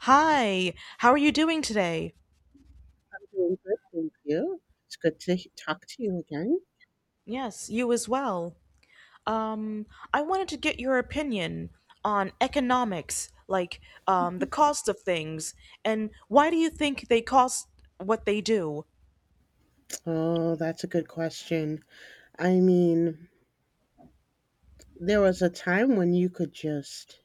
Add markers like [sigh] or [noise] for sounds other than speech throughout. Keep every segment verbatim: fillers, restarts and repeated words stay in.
Hi, how are you doing today? Doing good, thank you. It's good to he- talk to you again. Yes, you as well. Um, I wanted to get your opinion on economics, like um, the cost of things, and why do you think they cost what they do? Oh, that's a good question. I mean, there was a time when you could just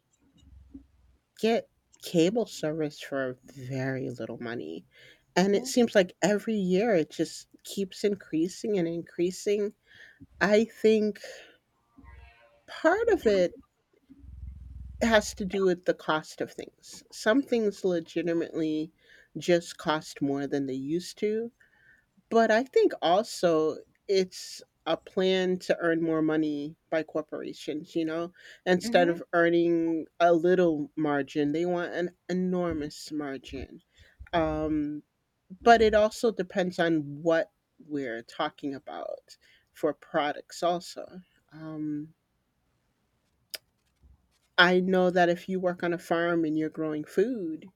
get cable service for very little money. And it seems like every year it just keeps increasing and increasing. I think part of it has to do with the cost of things. Some things legitimately just cost more than they used to. But I think also it's a plan to earn more money by corporations, you know? Instead of earning a little margin, they want an enormous margin. Um, but it also depends on what we're talking about for products, also. Um, I know that if you work on a farm and you're growing food,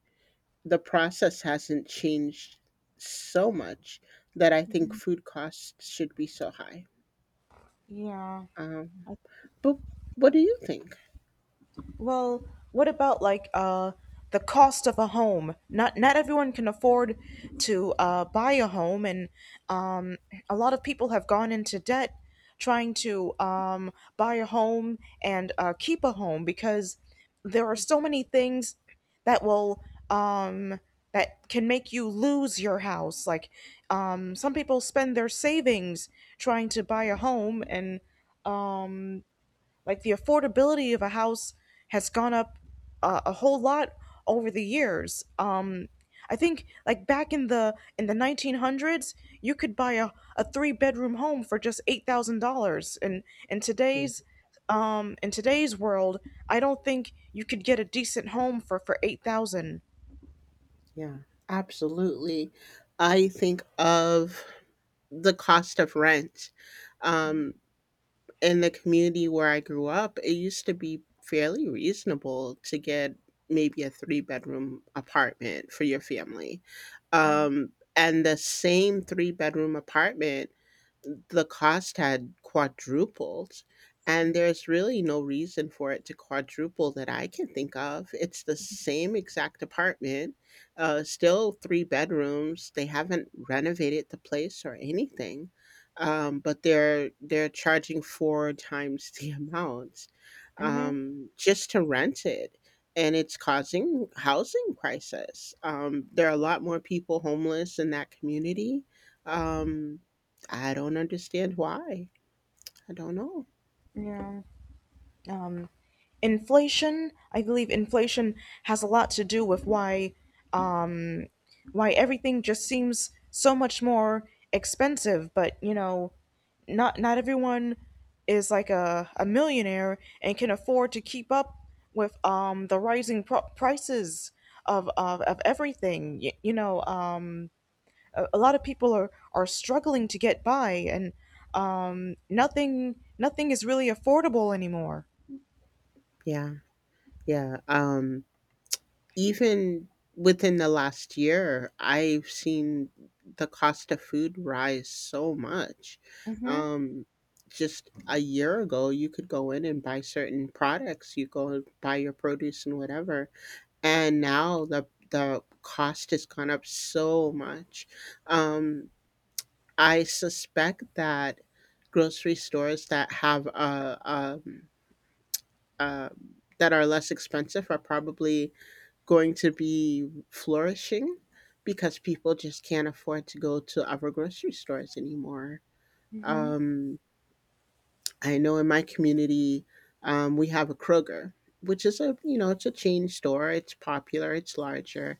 the process hasn't changed so much that I think Mm-hmm. food costs should be so high. Yeah. Um, but what do you think? Well, what about like uh the cost of a home? Not not everyone can afford to uh, buy a home, and um, a lot of people have gone into debt trying to um, buy a home and uh, keep a home because there are so many things that will um, that can make you lose your house. Like um, some people spend their savings trying to buy a home, and um, like the affordability of a house has gone up uh, a whole lot over the years. Um, I think like back in the in the nineteen hundreds, you could buy a, a three bedroom home for just eight thousand dollars, and in Mm, today's um, in today's world, I don't think you could get a decent home for for eight thousand. yeah. Absolutely. I think of the cost of rent. Um, in the community where I grew up, it used to be fairly reasonable to get maybe a three bedroom apartment for your family. Um, and the same three bedroom apartment, the cost had quadrupled, and there's really no reason for it to quadruple that I can think of. It's the same exact apartment, uh, still three bedrooms. They haven't renovated the place or anything. Um, but they're they're charging four times [laughs] the amount, Mm-hmm. um, just to rent it. And it's causing housing crisis. Um, there are a lot more people homeless in that community. um, I don't understand why. I don't know. Yeah. Um, inflation. I believe inflation has a lot to do with why um, why everything just seems so much more expensive, but you know, not not everyone is like a, a millionaire and can afford to keep up with um the rising pro- prices of, of of everything, you, you know. Um a, a lot of people are are struggling to get by, and um nothing nothing is really affordable anymore. Yeah. Yeah. Um even within the last year, I've seen the cost of food rise so much. Mm-hmm. Um just a year ago, you could go in and buy certain products. You go and buy your produce and whatever. And now the the cost has gone up so much. Um I suspect that grocery stores that have a um um, that are less expensive are probably going to be flourishing because people just can't afford to go to other grocery stores anymore. Mm-hmm. Um, I know in my community, um, we have a Kroger, which is a you know it's a chain store. It's popular. It's larger,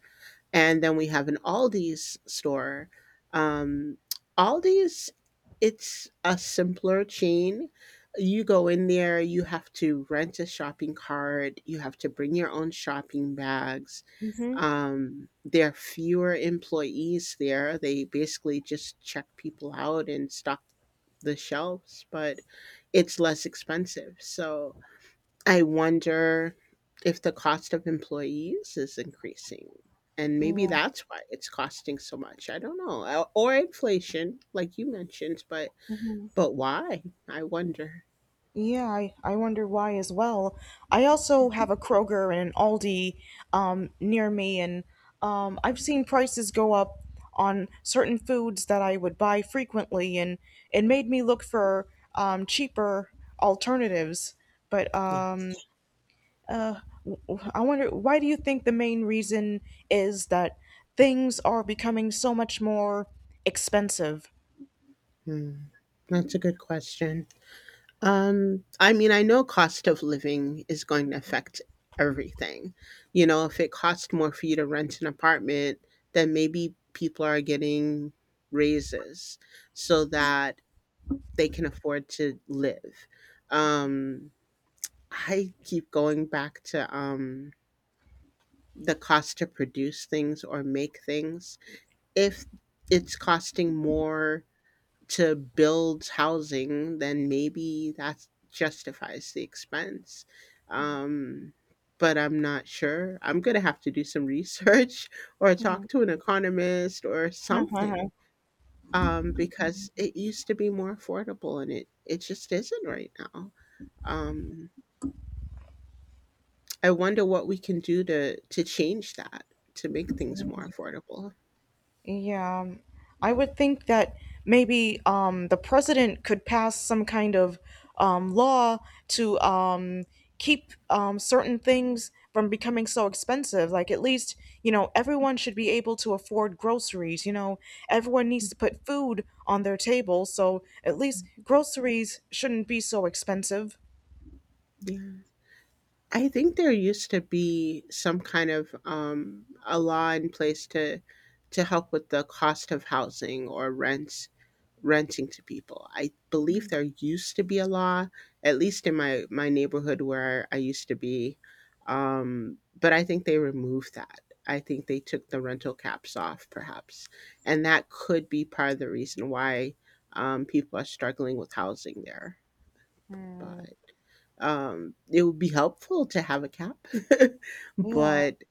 and then we have an Aldi's store. Um, Aldi's, it's a simpler chain. You go in there, you have to rent a shopping cart, you have to bring your own shopping bags. Mm-hmm. Um, there are fewer employees there. They basically just check people out and stock the shelves, but it's less expensive. So I wonder if the cost of employees is increasing, and maybe that's why it's costing so much. I don't know, o- or inflation, like you mentioned, but Yeah. but why? I wonder. Yeah, I, I wonder why as well. I also have a Kroger and an Aldi um, near me, and um, I've seen prices go up on certain foods that I would buy frequently, and it made me look for um, cheaper alternatives. But Yeah. um, uh, w- w- I wonder, why do you think the main reason is that things are becoming so much more expensive? Hmm. That's a good question. Um, I mean, I know cost of living is going to affect everything. You know, if it costs more for you to rent an apartment, then maybe people are getting raises so that they can afford to live. Um, I keep going back to um, the cost to produce things or make things. If it's costing more to build housing, then maybe that justifies the expense. Um, but I'm not sure. I'm going to have to do some research [laughs] or talk to an economist or something um, because it used to be more affordable and it, it just isn't right now. Um, I wonder what we can do to to change that to make things more affordable. Yeah, um, I would think that maybe um, the president could pass some kind of um, law to um, keep um, certain things from becoming so expensive. Like, at least, you know, everyone should be able to afford groceries. You know, everyone needs to put food on their table, so at least groceries shouldn't be so expensive. Yeah. I think there used to be some kind of um, a law in place to to help with the cost of housing or rents renting to people. I believe there used to be a law, at least in my my neighborhood where I used to be, um, but I think they removed that. I think they took the rental caps off, perhaps, and that could be part of the reason why um, people are struggling with housing there. But um, it would be helpful to have a cap, [laughs] Yeah, but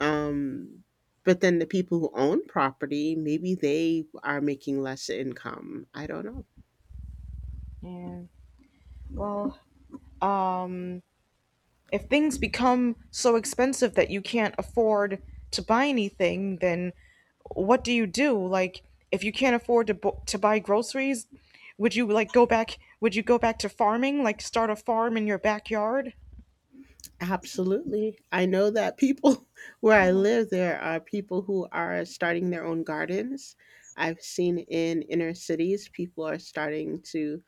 um, but then the people who own property, maybe they are making less income. I don't know. yeah. Well, um, if things become so expensive that you can't afford to buy anything, then what do you do? Like, if you can't afford to bu- to buy groceries, would you like go back? Would you go back to farming? Like, start a farm in your backyard? Absolutely. I know that people [laughs] where I live, there are people who are starting their own gardens. I've seen in inner cities, people are starting to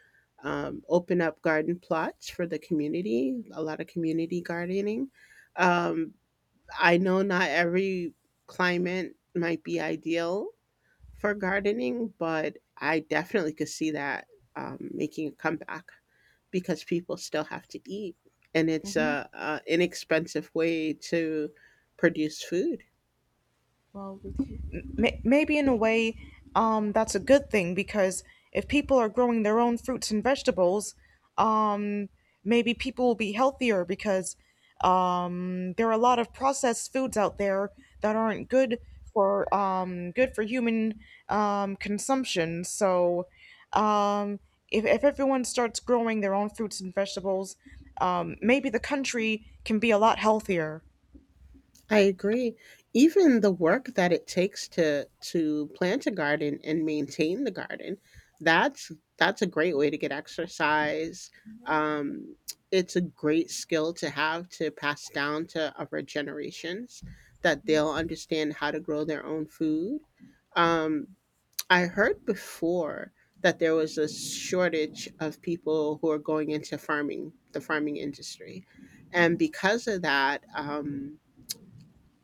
um, open up garden plots for the community, a lot of community gardening. Um, I know not every climate might be ideal for gardening, but I definitely could see that um, making a comeback because people still have to eat, and it's a, a inexpensive way to produce food. Well, May- maybe in a way, um, that's a good thing, because if people are growing their own fruits and vegetables, um, maybe people will be healthier because um, there are a lot of processed foods out there that aren't good for um, good for human um, consumption. So, um, if if everyone starts growing their own fruits and vegetables, um, maybe the country can be a lot healthier. I agree. Even the work that it takes to to plant a garden and maintain the garden, that's that's a great way to get exercise. um, it's a great skill to have to pass down to other generations, that they'll understand how to grow their own food. um, I heard before that there was a shortage of people who are going into farming, the farming industry. And because of that, um,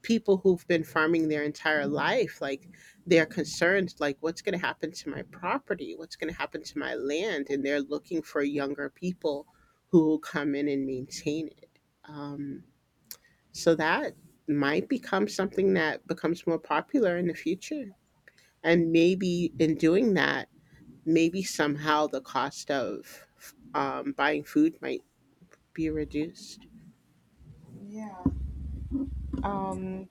people who've been farming their entire life, like, they're concerned, like, what's going to happen to my property? What's going to happen to my land? And they're looking for younger people who will come in and maintain it. Um, so that might become something that becomes more popular in the future, and maybe in doing that, maybe somehow the cost of um, buying food might be reduced. Yeah. Um.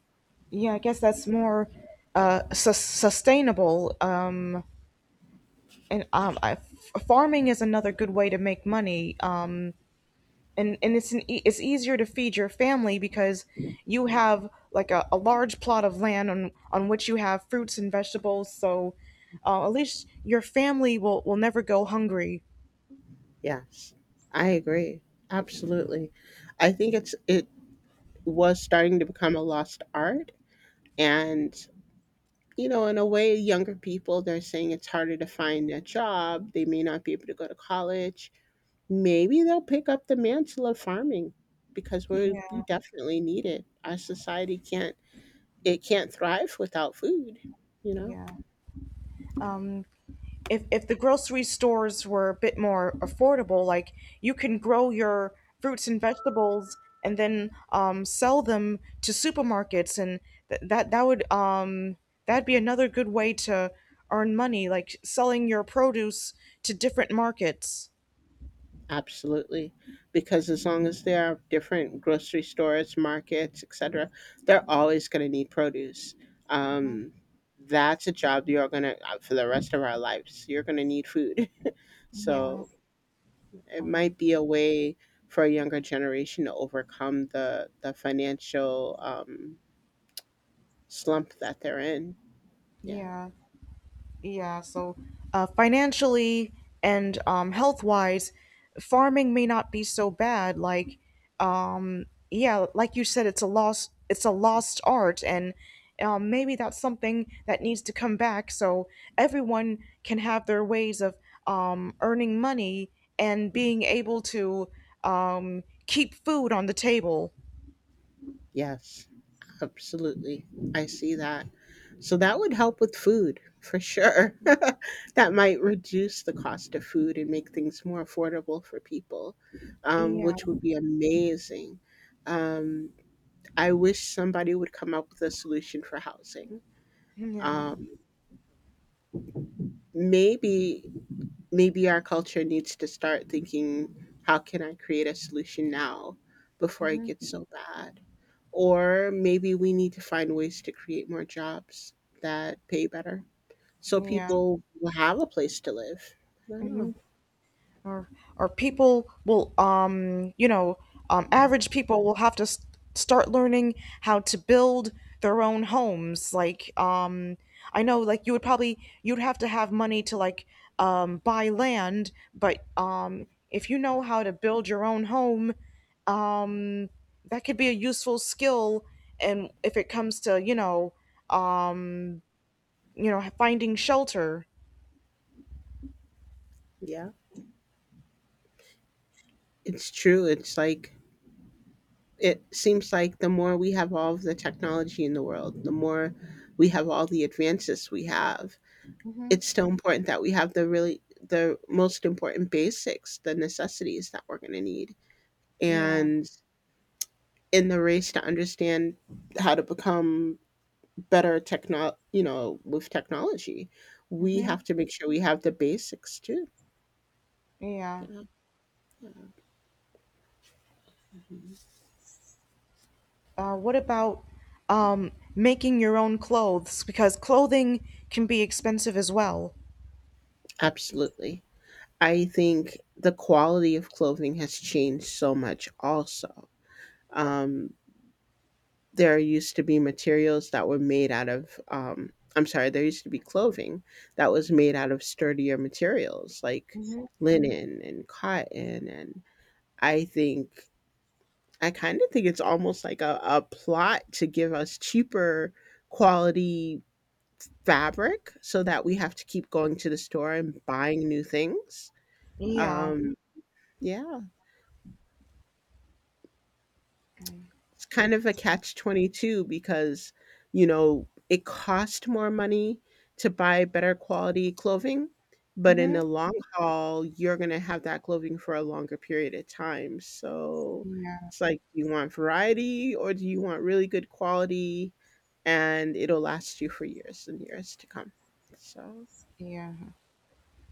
Yeah, I guess that's more uh, sus sustainable. Um, and um, I, f- farming is another good way to make money. Um, and and it's an e- it's easier to feed your family because you have like a, a large plot of land on on which you have fruits and vegetables. So uh, at least your family will will never go hungry. Yes, I agree. Absolutely. I think it's it was starting to become a lost art, and you know, in a way, younger people, they're saying it's harder to find a job, they may not be able to go to college. Maybe they'll pick up the mantle of farming because we Yeah, we definitely need it. Our society can't it can't thrive without food, you know. yeah. Um, if if the grocery stores were a bit more affordable, like you can grow your fruits and vegetables and then um, sell them to supermarkets, and th- that that would um, that'd be another good way to earn money, like selling your produce to different markets. Absolutely. Because as long as there are different grocery stores, markets, et cetera, they're always going to need produce. Um, that's a job, you're going to, for the rest of our lives, you're going to need food. [laughs] Yeah. So it Um, might be a way for a younger generation to overcome the, the financial um, slump that they're in. Yeah. yeah. Yeah, so uh, financially and um, health wise, farming may not be so bad. Like, um, yeah, like you said, it's a lost it's a lost art, and um, maybe that's something that needs to come back so everyone can have their ways of um, earning money and being able to um, keep food on the table. Yes, absolutely. I see that. So that would help with food for sure. [laughs] That might reduce the cost of food and make things more affordable for people, um, Yeah, which would be amazing. Um, I wish somebody would come up with a solution for housing. yeah, Um, maybe, maybe our culture needs to start thinking, how can I create a solution now before it hmm, gets so bad? Or maybe we need to find ways to create more jobs that pay better so yeah. people will have a place to live. I don't know. Mhm. or or people will um you know, um average people will have to s start learning how to build their own homes. Like um I know, like, you would probably, you'd have to have money to like um buy land, but um if you know how to build your own home, um that could be a useful skill, and if it comes to, you know, um you know, finding shelter. Yeah, it's true. It's like, it seems like the more we have all of the technology in the world, the more we have all the advances we have. It's Hmm. still important that we have the really the most important basics, the necessities that we're going to need. Yeah. And in the race to understand how to become better techno you know, with technology. We Hmm. have to make sure we have the basics too. Yeah. Yeah. Yeah. Uh, what about um, making your own clothes? Because clothing can be expensive as well. Absolutely. I think the quality of clothing has changed so much also. Um, there used to be materials that were made out of, um, I'm sorry, there used to be clothing that was made out of sturdier materials like linen and cotton. And I think I kind of think it's almost like a, a plot to give us cheaper quality fabric so that we have to keep going to the store and buying new things. Yeah. Um, yeah. It's kind of a catch twenty-two because you know it costs more money to buy better quality clothing, but in Mm-hmm. the long haul you're going to have that clothing for a longer period of time. So Yeah. it's like, do you want variety, or do you want really good quality and it'll last you for years and years to come? So Yeah.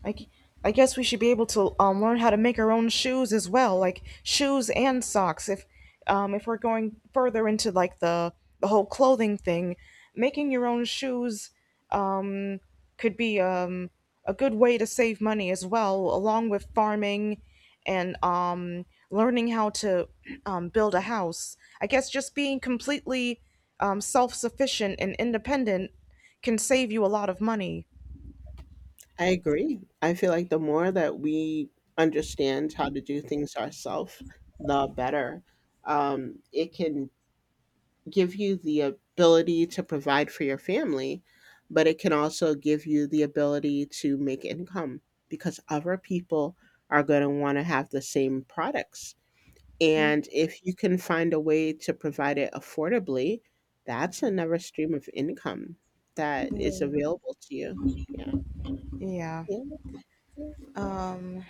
I, g- I guess we should be able to um, learn how to make our own shoes as well, like shoes and socks. If um, if we're going further into like the the whole clothing thing, making your own shoes um, could be um, a good way to save money as well, along with farming and um, learning how to [clears throat] um, build a house. I guess just being completely um, self sufficient and independent can save you a lot of money. I agree. I feel like the more that we understand how to do things ourselves, the better. Um, it can give you the ability to provide for your family, but it can also give you the ability to make income because other people are going to want to have the same products. And if you can find a way to provide it affordably, that's another stream of income that is available to you. Yeah. Yeah. Yeah. Yeah. Um.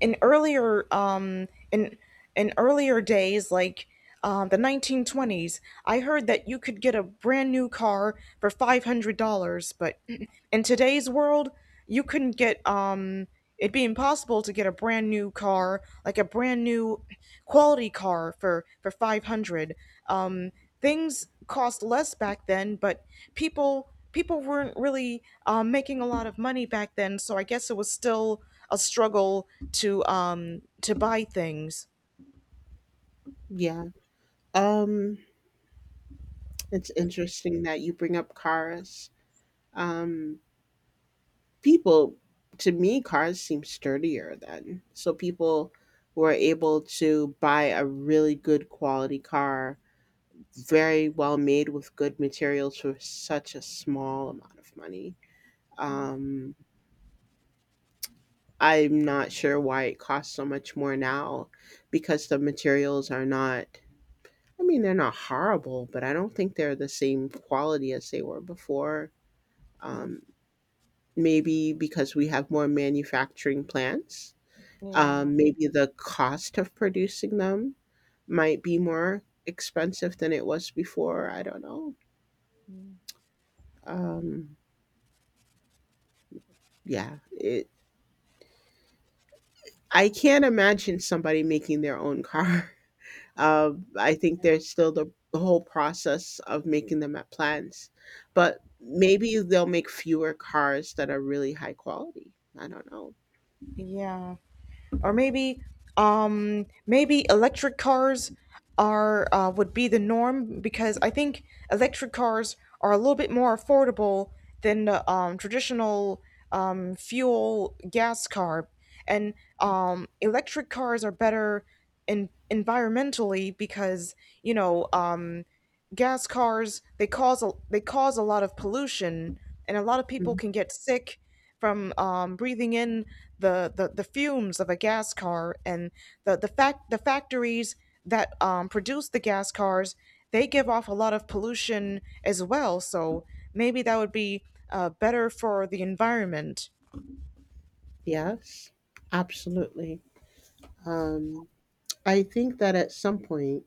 in earlier um in in earlier days, like um, the nineteen twenties, I heard that you could get a brand new car for five hundred dollars, but [clears throat] in today's world you couldn't get um it'd be impossible to get a brand new car, like a brand new quality car, for for five hundred. um Things cost less back then, but people people weren't really um, making a lot of money back then, so I guess it was still a struggle to um, to buy things. Yeah. Um, it's interesting that you bring up cars. Um, people To me, cars seem sturdier then, so people were able to buy a really good quality car, very well made with good materials, for such a small amount of money. Mhm. um I'm not sure why it costs so much more now because the materials are not, I mean, they're not horrible, but I don't think they're the same quality as they were before. Mhm. um Maybe because we have more manufacturing plants. Yeah. Um, maybe the cost of producing them might be more expensive than it was before. I don't know. Mhm. Um, yeah, it. I can't imagine somebody making their own car. [laughs] Um, I think there's still the, the whole process of making them at plants, but maybe they'll make fewer cars that are really high quality. I don't know. Yeah. Or maybe um maybe electric cars are uh, would be the norm, because I think electric cars are a little bit more affordable than the um, traditional um, fuel gas car, and um, electric cars are better in environmentally because, you know, um, gas cars they cause a, they cause a lot of pollution, and a lot of people Mhm. can get sick from um, breathing in the, the, the fumes of a gas car, and the the fact the factories that um, produce the gas cars, they give off a lot of pollution as well, so maybe that would be uh, better for the environment. Yes, absolutely. Um, I think that at some point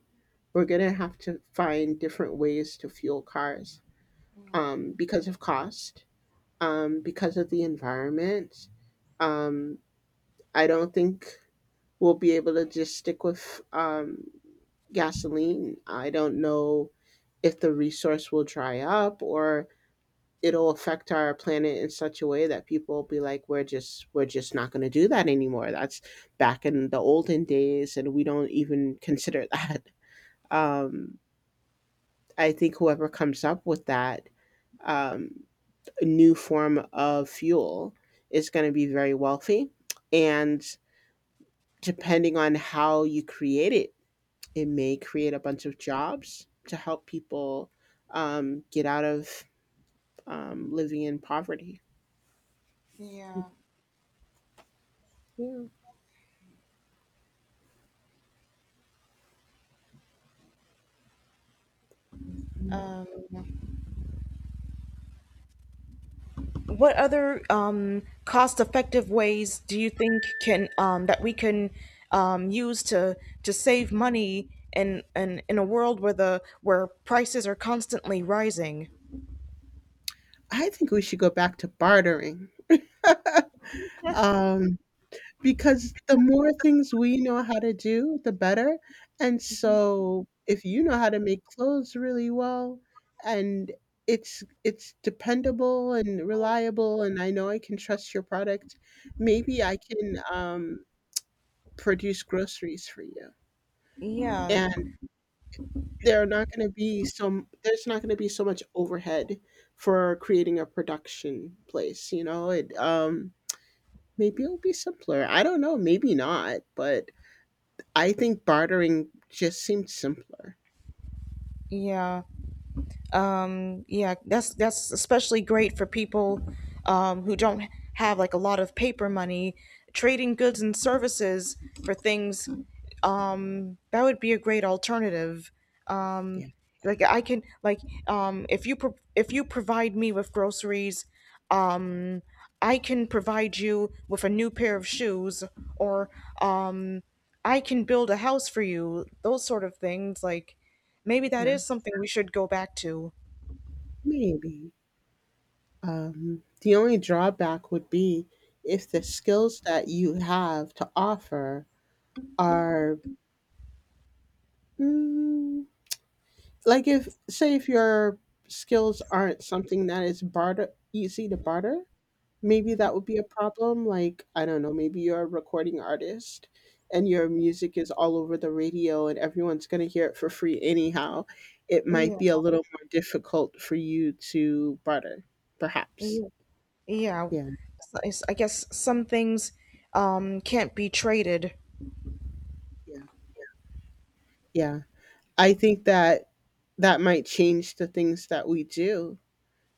we're going to have to find different ways to fuel cars um, because of cost, um, because of the environment. Um, I don't think we'll be able to just stick with um, gasoline. I don't know if the resource will dry up or it'll affect our planet in such a way that people will be like we're just we're just not going to do that anymore. That's back in the olden days and we don't even consider that. [laughs] um I think whoever comes up with that um, new form of fuel is going to be very wealthy. And depending on how you create it, it may create a bunch of jobs to help people um, get out of um, living in poverty. Yeah. Yeah. What other um, cost-effective ways do you think can um, that we can um, use to to save money in, in in a world where the where prices are constantly rising? I think we should go back to bartering. Um, Because the more things we know how to do, the better, and so if you know how to make clothes really well, and it's it's dependable and reliable, and I know I can trust your product, maybe I can, um, produce groceries for you, Yeah, and there are not gonna be some there's not gonna be so much overhead for creating a production place, you know? It, um maybe it'll be simpler. I don't know, maybe not, but I think bartering just seemed simpler. yeah. Um, yeah, that's that's especially great for people um, who don't have like a lot of paper money. Trading goods and services for things, um, that would be a great alternative. Um, Yeah. like I can, like um, if you pro- if you provide me with groceries, um, I can provide you with a new pair of shoes, or um, I can build a house for you, those sort of things. Like, maybe that Yeah, is something we should go back to. maybe. Um, the only drawback would be if the skills that you have to offer are mm, like if say if your skills aren't something that is barter easy to barter. Maybe that would be a problem, like, I don't know, maybe you're a recording artist and your music is all over the radio and everyone's going to hear it for free anyhow. It might Yeah, be a little more difficult for you to barter, perhaps. yeah, yeah. Yeah, So it's, I guess some things um, can't be traded. yeah, yeah. I think that that might change the things that we do.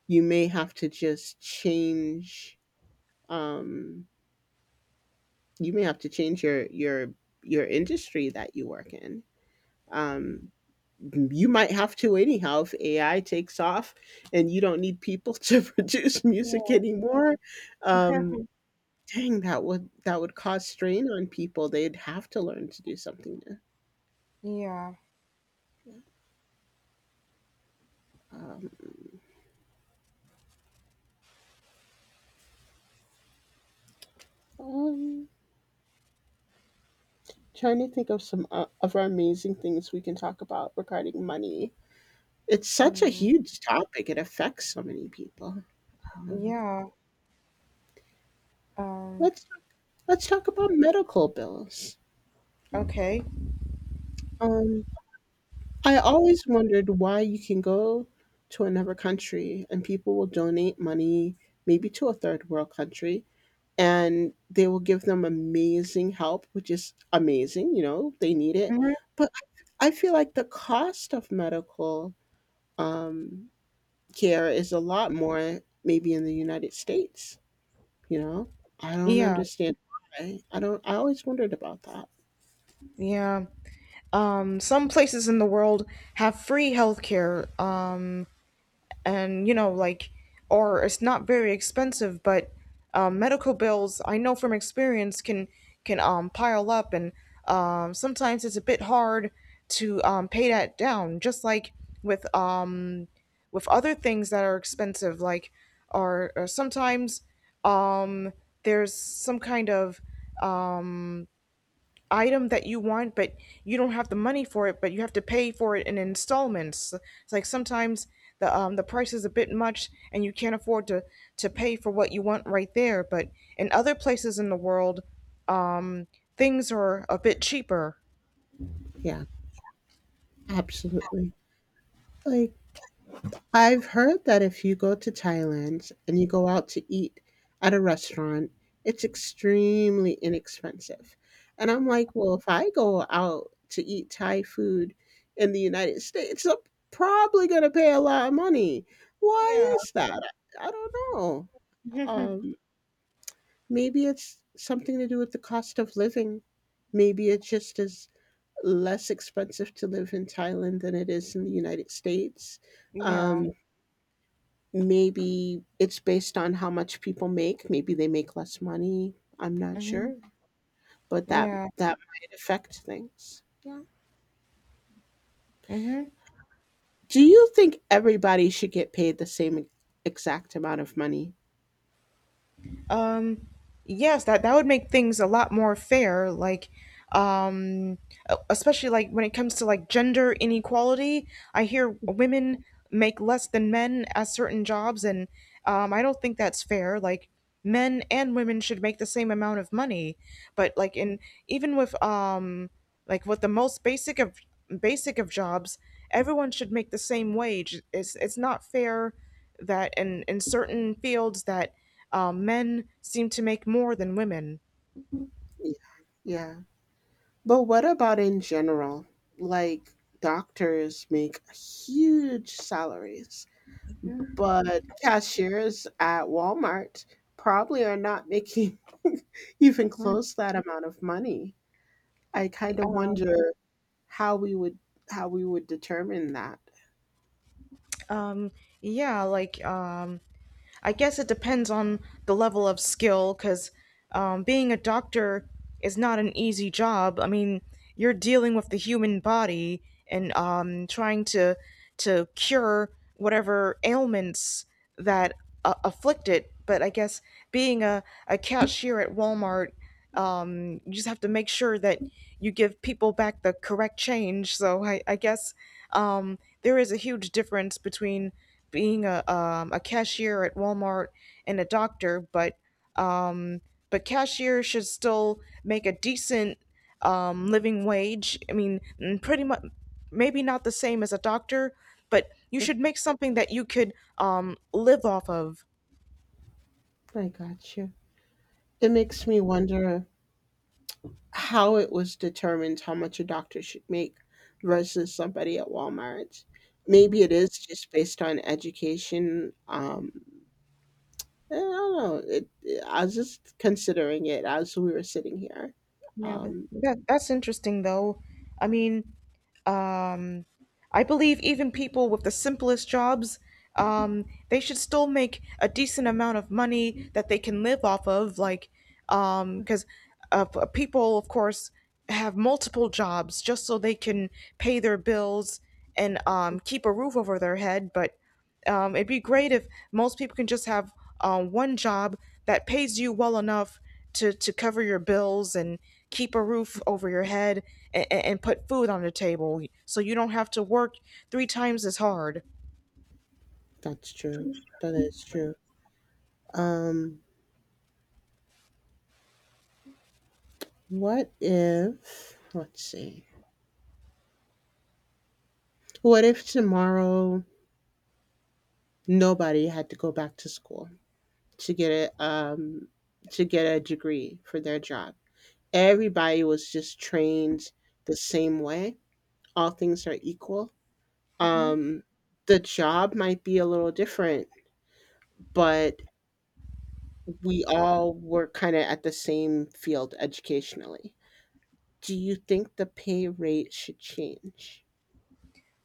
You may have to just change um you may have to change your your your industry that you work in. Um you might have to anyhow if A I takes off and you don't need people to [laughs] produce music Yeah, anymore. Um, dang, that would that would cause strain on people. They'd have to learn to do something new. yeah, Um, um, trying to think of some uh, of our amazing things we can talk about regarding money. It's such a mm, huge topic. It affects so many people. Um, yeah. Um, let's let's talk about medical bills. okay. Um, I always wondered why you can go to another country and people will donate money, maybe to a third world country, and they will give them amazing help, which is amazing. You know, they need it. Hmm. But I I feel like the cost of medical um, care is a lot more, maybe in the United States. You know, I don't Yeah, understand why. I don't, I always wondered about that. yeah. Um, some places in the world have free healthcare. Um, and you know, like, or it's not very expensive, but um, medical bills, I know from experience, can can um, pile up, and um, sometimes it's a bit hard to um, pay that down, just like with um, with other things that are expensive like, or, or sometimes um, there's some kind of um, item that you want, but you don't have the money for it, but you have to pay for it in installments. It's like sometimes the um the price is a bit much and you can't afford to to pay for what you want right there, but in other places in the world, um things are a bit cheaper. Yeah, absolutely. Like, I've heard that if you go to Thailand and you go out to eat at a restaurant, it's extremely inexpensive. And I'm like, well, if I go out to eat Thai food in the United States, I'm probably going to pay a lot of money. Yeah. Why is that? I I don't know. Um, maybe it's something to do with the cost of living. Maybe it just is less expensive to live in Thailand than it is in the United States. Yeah. Um, maybe it's based on how much people make. Maybe they make less money. I'm not Hmm. sure, but that Yeah. that might affect things. Yeah, Hmm. do you think everybody should get paid the same e-, exact amount of money? Um, yes, that that would make things a lot more fair. Like, um, e- especially like when it comes to like gender inequality, I hear women make less than men at certain jobs, and um, I don't think that's fair. Like, men and women should make the same amount of money, but like in, even with um like with the most basic of basic of jobs, everyone should make the same wage. It's it's not fair that in in certain fields that um, men seem to make more than women. Yeah, yeah, but what about in general, like, doctors make huge salaries but cashiers at Walmart probably are not making [laughs] even close that amount of money. I kind of wonder how we would how we would determine that. Um, yeah, like um, I guess it depends on the level of skill, because um, being a doctor is not an easy job. I mean, you're dealing with the human body, and um, trying to to cure whatever ailments that uh, afflict it. But I guess being a, a cashier at Walmart, um, you just have to make sure that you give people back the correct change. So I, I guess um, there is a huge difference between being a, um, a cashier at Walmart and a doctor, but um, but cashiers should still make a decent um, living wage. I mean, mm, pretty much, maybe not the same as a doctor, but you should make something that you could um, live off of. I got you. It makes me wonder how it was determined how much a doctor should make versus somebody at Walmart. Maybe it is just based on education. Um, I don't know. It, it- I was just considering it as we were sitting here. Yeah, but Um, that that's interesting though. I mean, um, I believe even people with the simplest jobs, um, they should still make a decent amount of money that they can live off of. Like, um, because uh, p- people, of course, have multiple jobs just so they can pay their bills and um, keep a roof over their head. But um, it'd be great if most people can just have um, one job that pays you well enough to, to cover your bills and keep a roof over your head and, and put food on the table so you don't have to work three times as hard. that's true. That is true. Um, what if? Let's see. What if tomorrow nobody had to go back to school? to get a um to get a degree for their job. Everybody was just trained the same way. All things are equal. Um the job might be a little different, but we all were kind of at the same field educationally. Do you think the pay rate should change?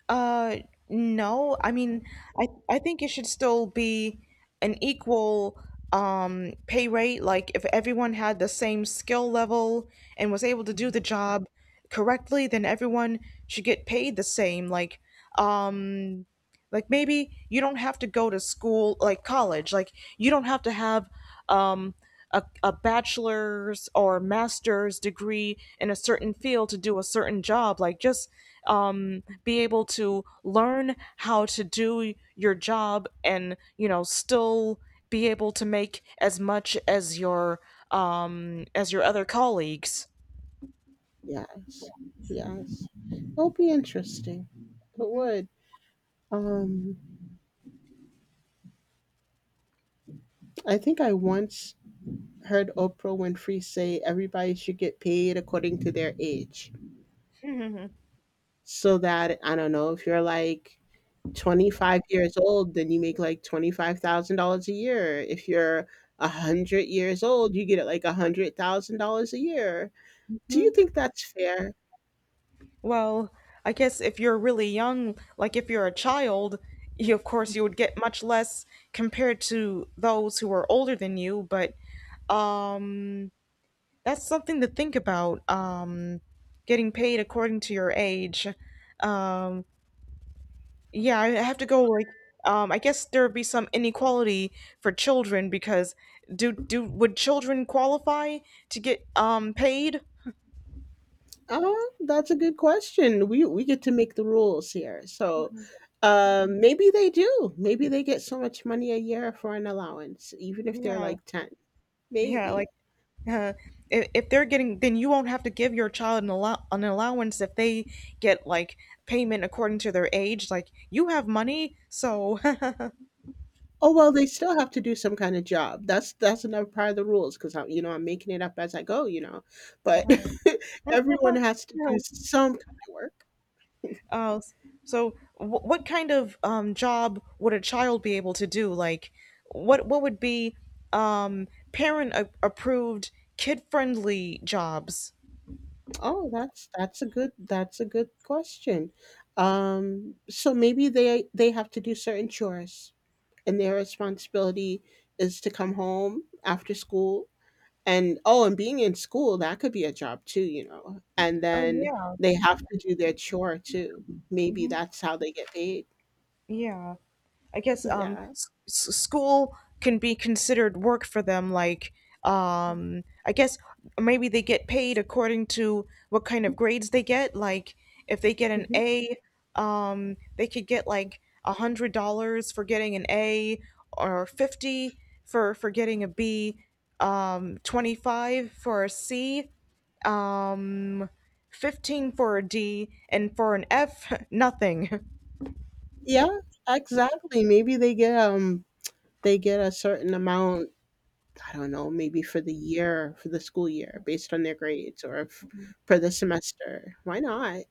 Uh, no. I mean, I I think it should still be an equal um pay rate. Like if everyone had the same skill level and was able to do the job correctly, then everyone should get paid the same. Like, um, like maybe you don't have to go to school, like college. Like you don't have to have um, a, a bachelor's or master's degree in a certain field to do a certain job. Like just um, be able to learn how to do your job, and you know still be able to make as much as your um, as your other colleagues. Yes. Yes. It'll be interesting. It would. Um I think I once heard Oprah Winfrey say everybody should get paid according to their age. So that, I don't know, if you're like twenty-five years old, then you make like twenty-five thousand dollars a year. If you're one hundred years old, you get like one hundred thousand dollars a year. Do you [laughs] think that's fair? Well, I guess if you're really young, like if you're a child, you, of course you would get much less compared to those who are older than you, but um that's something to think about. Um getting paid according to your age. Um yeah, I have to go, like um I guess there would be some inequality for children because do do would children qualify to get um paid? Uh, that's a good question. We, we get to make the rules here. So um, maybe they do. Maybe they get so much money a year for an allowance, even if they're Yeah. like ten. Yeah, like Maybe. Uh, if, if they're getting, then you won't have to give your child an, allow- an allowance if they get like payment according to their age. Like you have money, so. Oh, well, they still have to do some kind of job. That's that's another part of the rules because I'm, you know, I'm making it up as I go, you know. But [laughs] [laughs] everyone has to do some kind of work. uh, so, wh- what kind of um, job would a child be able to do? Like, what what would be um, parent a- approved, kid friendly jobs? Oh, that's that's a good that's a good question. Um, so maybe they they have to do certain chores, and their responsibility is to come home after school. And oh, and being in school, that could be a job too, you know. And then Oh, they have to do their chore too. Maybe yeah, that's how they get paid. yeah. I guess um, Yeah. s- s- school can be considered work for them. Like, um, I guess maybe they get paid according to what kind of grades they get. Like, if they get an Mhm. A, um, they could get like a hundred dollars for getting an A, or fifty for for getting a B, um, twenty five for a C, um, fifteen for a D, and for an F, [laughs] nothing. Yeah, exactly. Maybe they get um they get a certain amount, I don't know, maybe for the year, for the school year based on their grades, or if for the semester. Why not?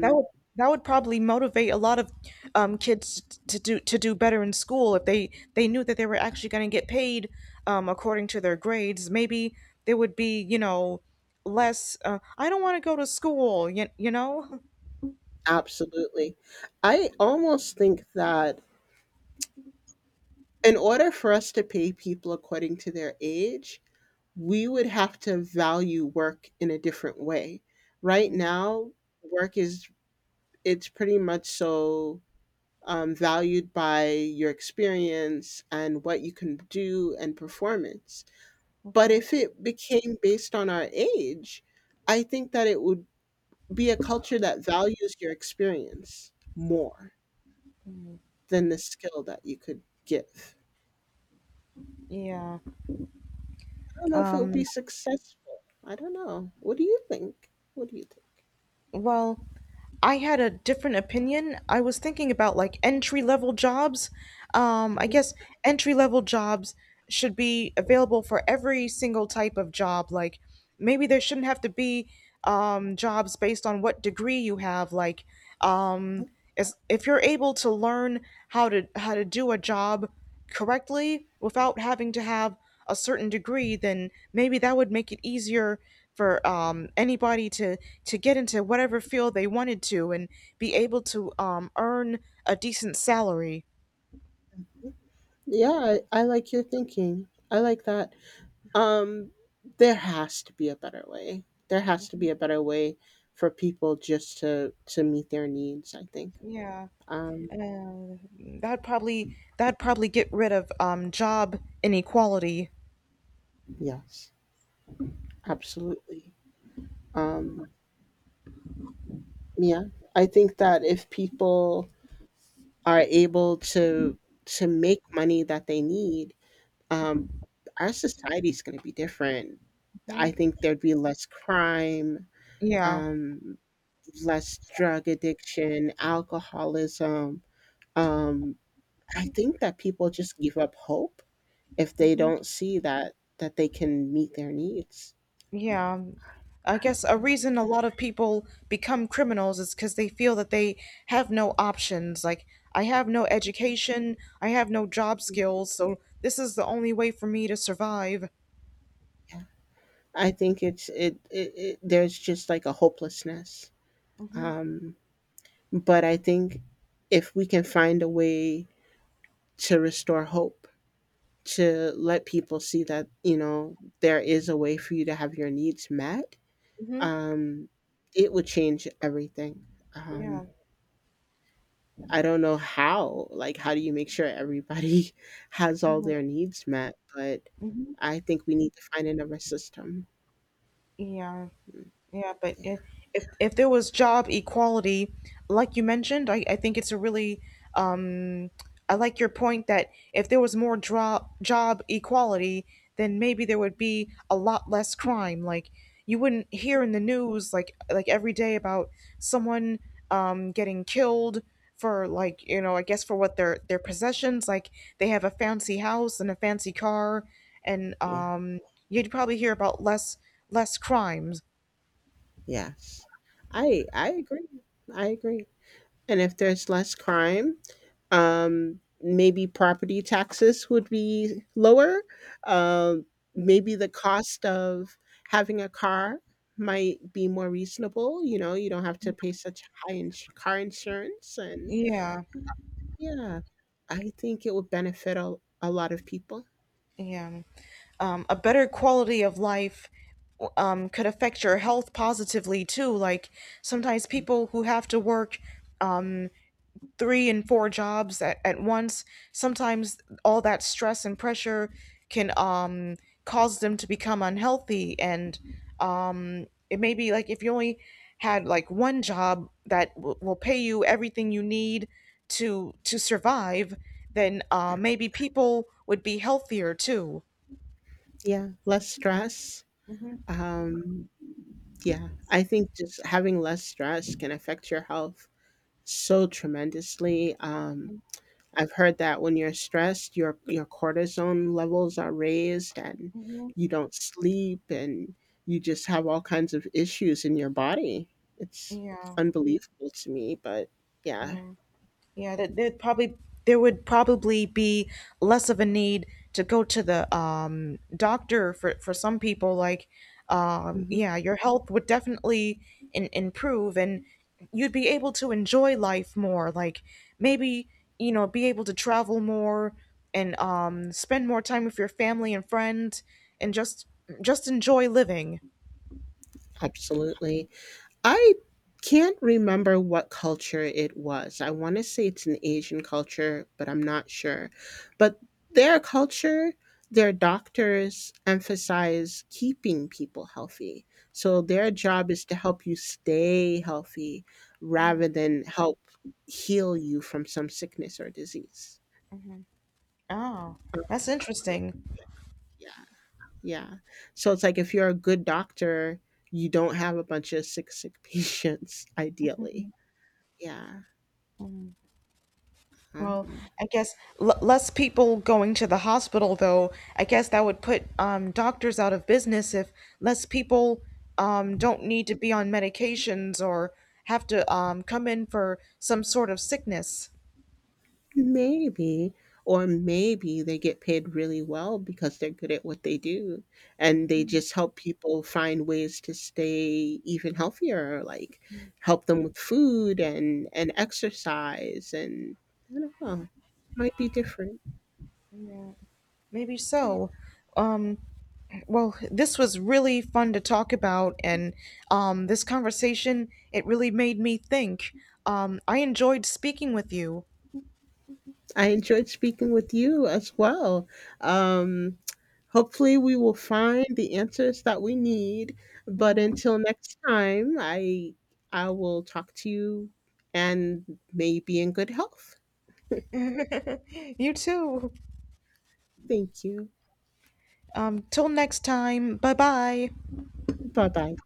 That would, that would probably motivate a lot of um, kids to do to do better in school if they they knew that they were actually going to get paid um, according to their grades. Maybe there would be, you know, less. Uh, I don't want to go to school. You, you know. absolutely. I almost think that in order for us to pay people according to their age, we would have to value work in a different way. Right Mhm, now, work is, it's pretty much so um, valued by your experience and what you can do and performance. But mhm. if it became based on our age, I think that it would be a culture that values your experience more than the skill that you could give. Yeah. I don't know if it'll Um. be successful. I don't know. What do you think? What do you think? Well, I had a different opinion. I was thinking about like entry level jobs. Um, I Mhm. guess entry level jobs should be available for every single type of job. Like maybe there shouldn't have to be um, jobs based on what degree you have. Like um, as, if you're able to learn how to how to do a job correctly without having to have a certain degree, then maybe that would make it easier for um, anybody to to get into whatever field they wanted to, and be able to um, earn a decent salary. Yeah, I, I like your thinking. I like that. Um, there has to be a better way. There has to be a better way for people just to to meet their needs. I think. Yeah, Um, uh, that probably, that probably get rid of um, job inequality. yes, absolutely. Um, yeah, I think that if people are able to to make money that they need, um, our society's going to be different. I Mhm. think there'd be less crime, Yeah. um, less drug addiction, alcoholism. Um, I think that people just give up hope if they don't see that that they can meet their needs. Yeah. I guess a reason a lot of people become criminals is because they feel that they have no options. Like, I have no Yeah. education, I have no job skills, so this is the only way for me to survive. Yeah. I think it's it, it, it there's just like a hopelessness. Mm-hmm. Um but I think if we can find a way to restore hope, to let people see that, you know, there is a way for you to have your needs met, Mm-hmm. um it would change everything. Yeah. Um I don't know how. Like, how do you make sure everybody [laughs] has all their needs met? But Mm-hmm. I think we need to find another system. Yeah. Yeah, but Yeah, i- if if there was job equality, like you mentioned, I, I think it's a really um I like your point that if there was more job job equality, then maybe there would be a lot less crime. Like you wouldn't hear in the news like like every day about someone um getting killed for, like, you know, I guess for what their their possessions, like they have a fancy house and a fancy car and yeah, um you'd probably hear about less less crimes. yes. I I agree. I agree. And if there's less crime, um, maybe property taxes would be lower. Um, maybe the cost of having a car might be more reasonable. You know, you don't have to pay such high ins- car insurance and Yeah, yeah, I think it would benefit a, a lot of people. yeah. Um, a better quality of life um, could affect your health positively too. Like sometimes people who have to work um, three and four jobs at, at once. Sometimes all that stress and pressure can um, cause them to become unhealthy. And um, it may be like if you only had like one job that w- will pay you everything you need to to survive, then uh, maybe people would be healthier too. Yeah, less stress. hmm Um, yeah, I think just having less stress can affect your health so tremendously. Um, I've heard that when you're stressed, your your cortisone levels are raised and hmm you don't sleep and you just have all kinds of issues in your body. It's Yeah. unbelievable to me, but yeah, Yeah, that there'd probably, there would probably be less of a need to go to the um, doctor for for some people. Like, um, mhm, yeah, your health would definitely in, improve, and you'd be able to enjoy life more. Like, maybe, you know, be able to travel more and um, spend more time with your family and friends, and just just enjoy living. absolutely. I can't remember what culture it was. I want to say it's an Asian culture, but I'm not sure. But their culture, their doctors emphasize keeping people healthy. So their job is to help you stay healthy rather than help heal you from some sickness or disease. Oh, Uh, that's yeah, interesting. yeah, yeah. So it's like if you're a good doctor, you don't have a bunch of sick, sick [laughs] patients, ideally. Yeah. Well, Um, I guess l less people going to the hospital, though. I guess that would put um, doctors out of business if less people um, don't need to be on medications or have to um, come in for some sort of sickness. maybe. Or maybe they get paid really well because they're good at what they do and they just help people find ways to stay even healthier, like help them with food and, and exercise and I don't know. Might be different. Maybe Yeah. so. Um, well, this was really fun to talk about, and um, this conversation, it really made me think. Um, I enjoyed speaking with you. [laughs] I enjoyed speaking with you as well. Um Hopefully, we will find the answers that we need. But until next time, I I will talk to you and may be in good health. You too. Thank you. Um, till next time, bye bye. Bye bye.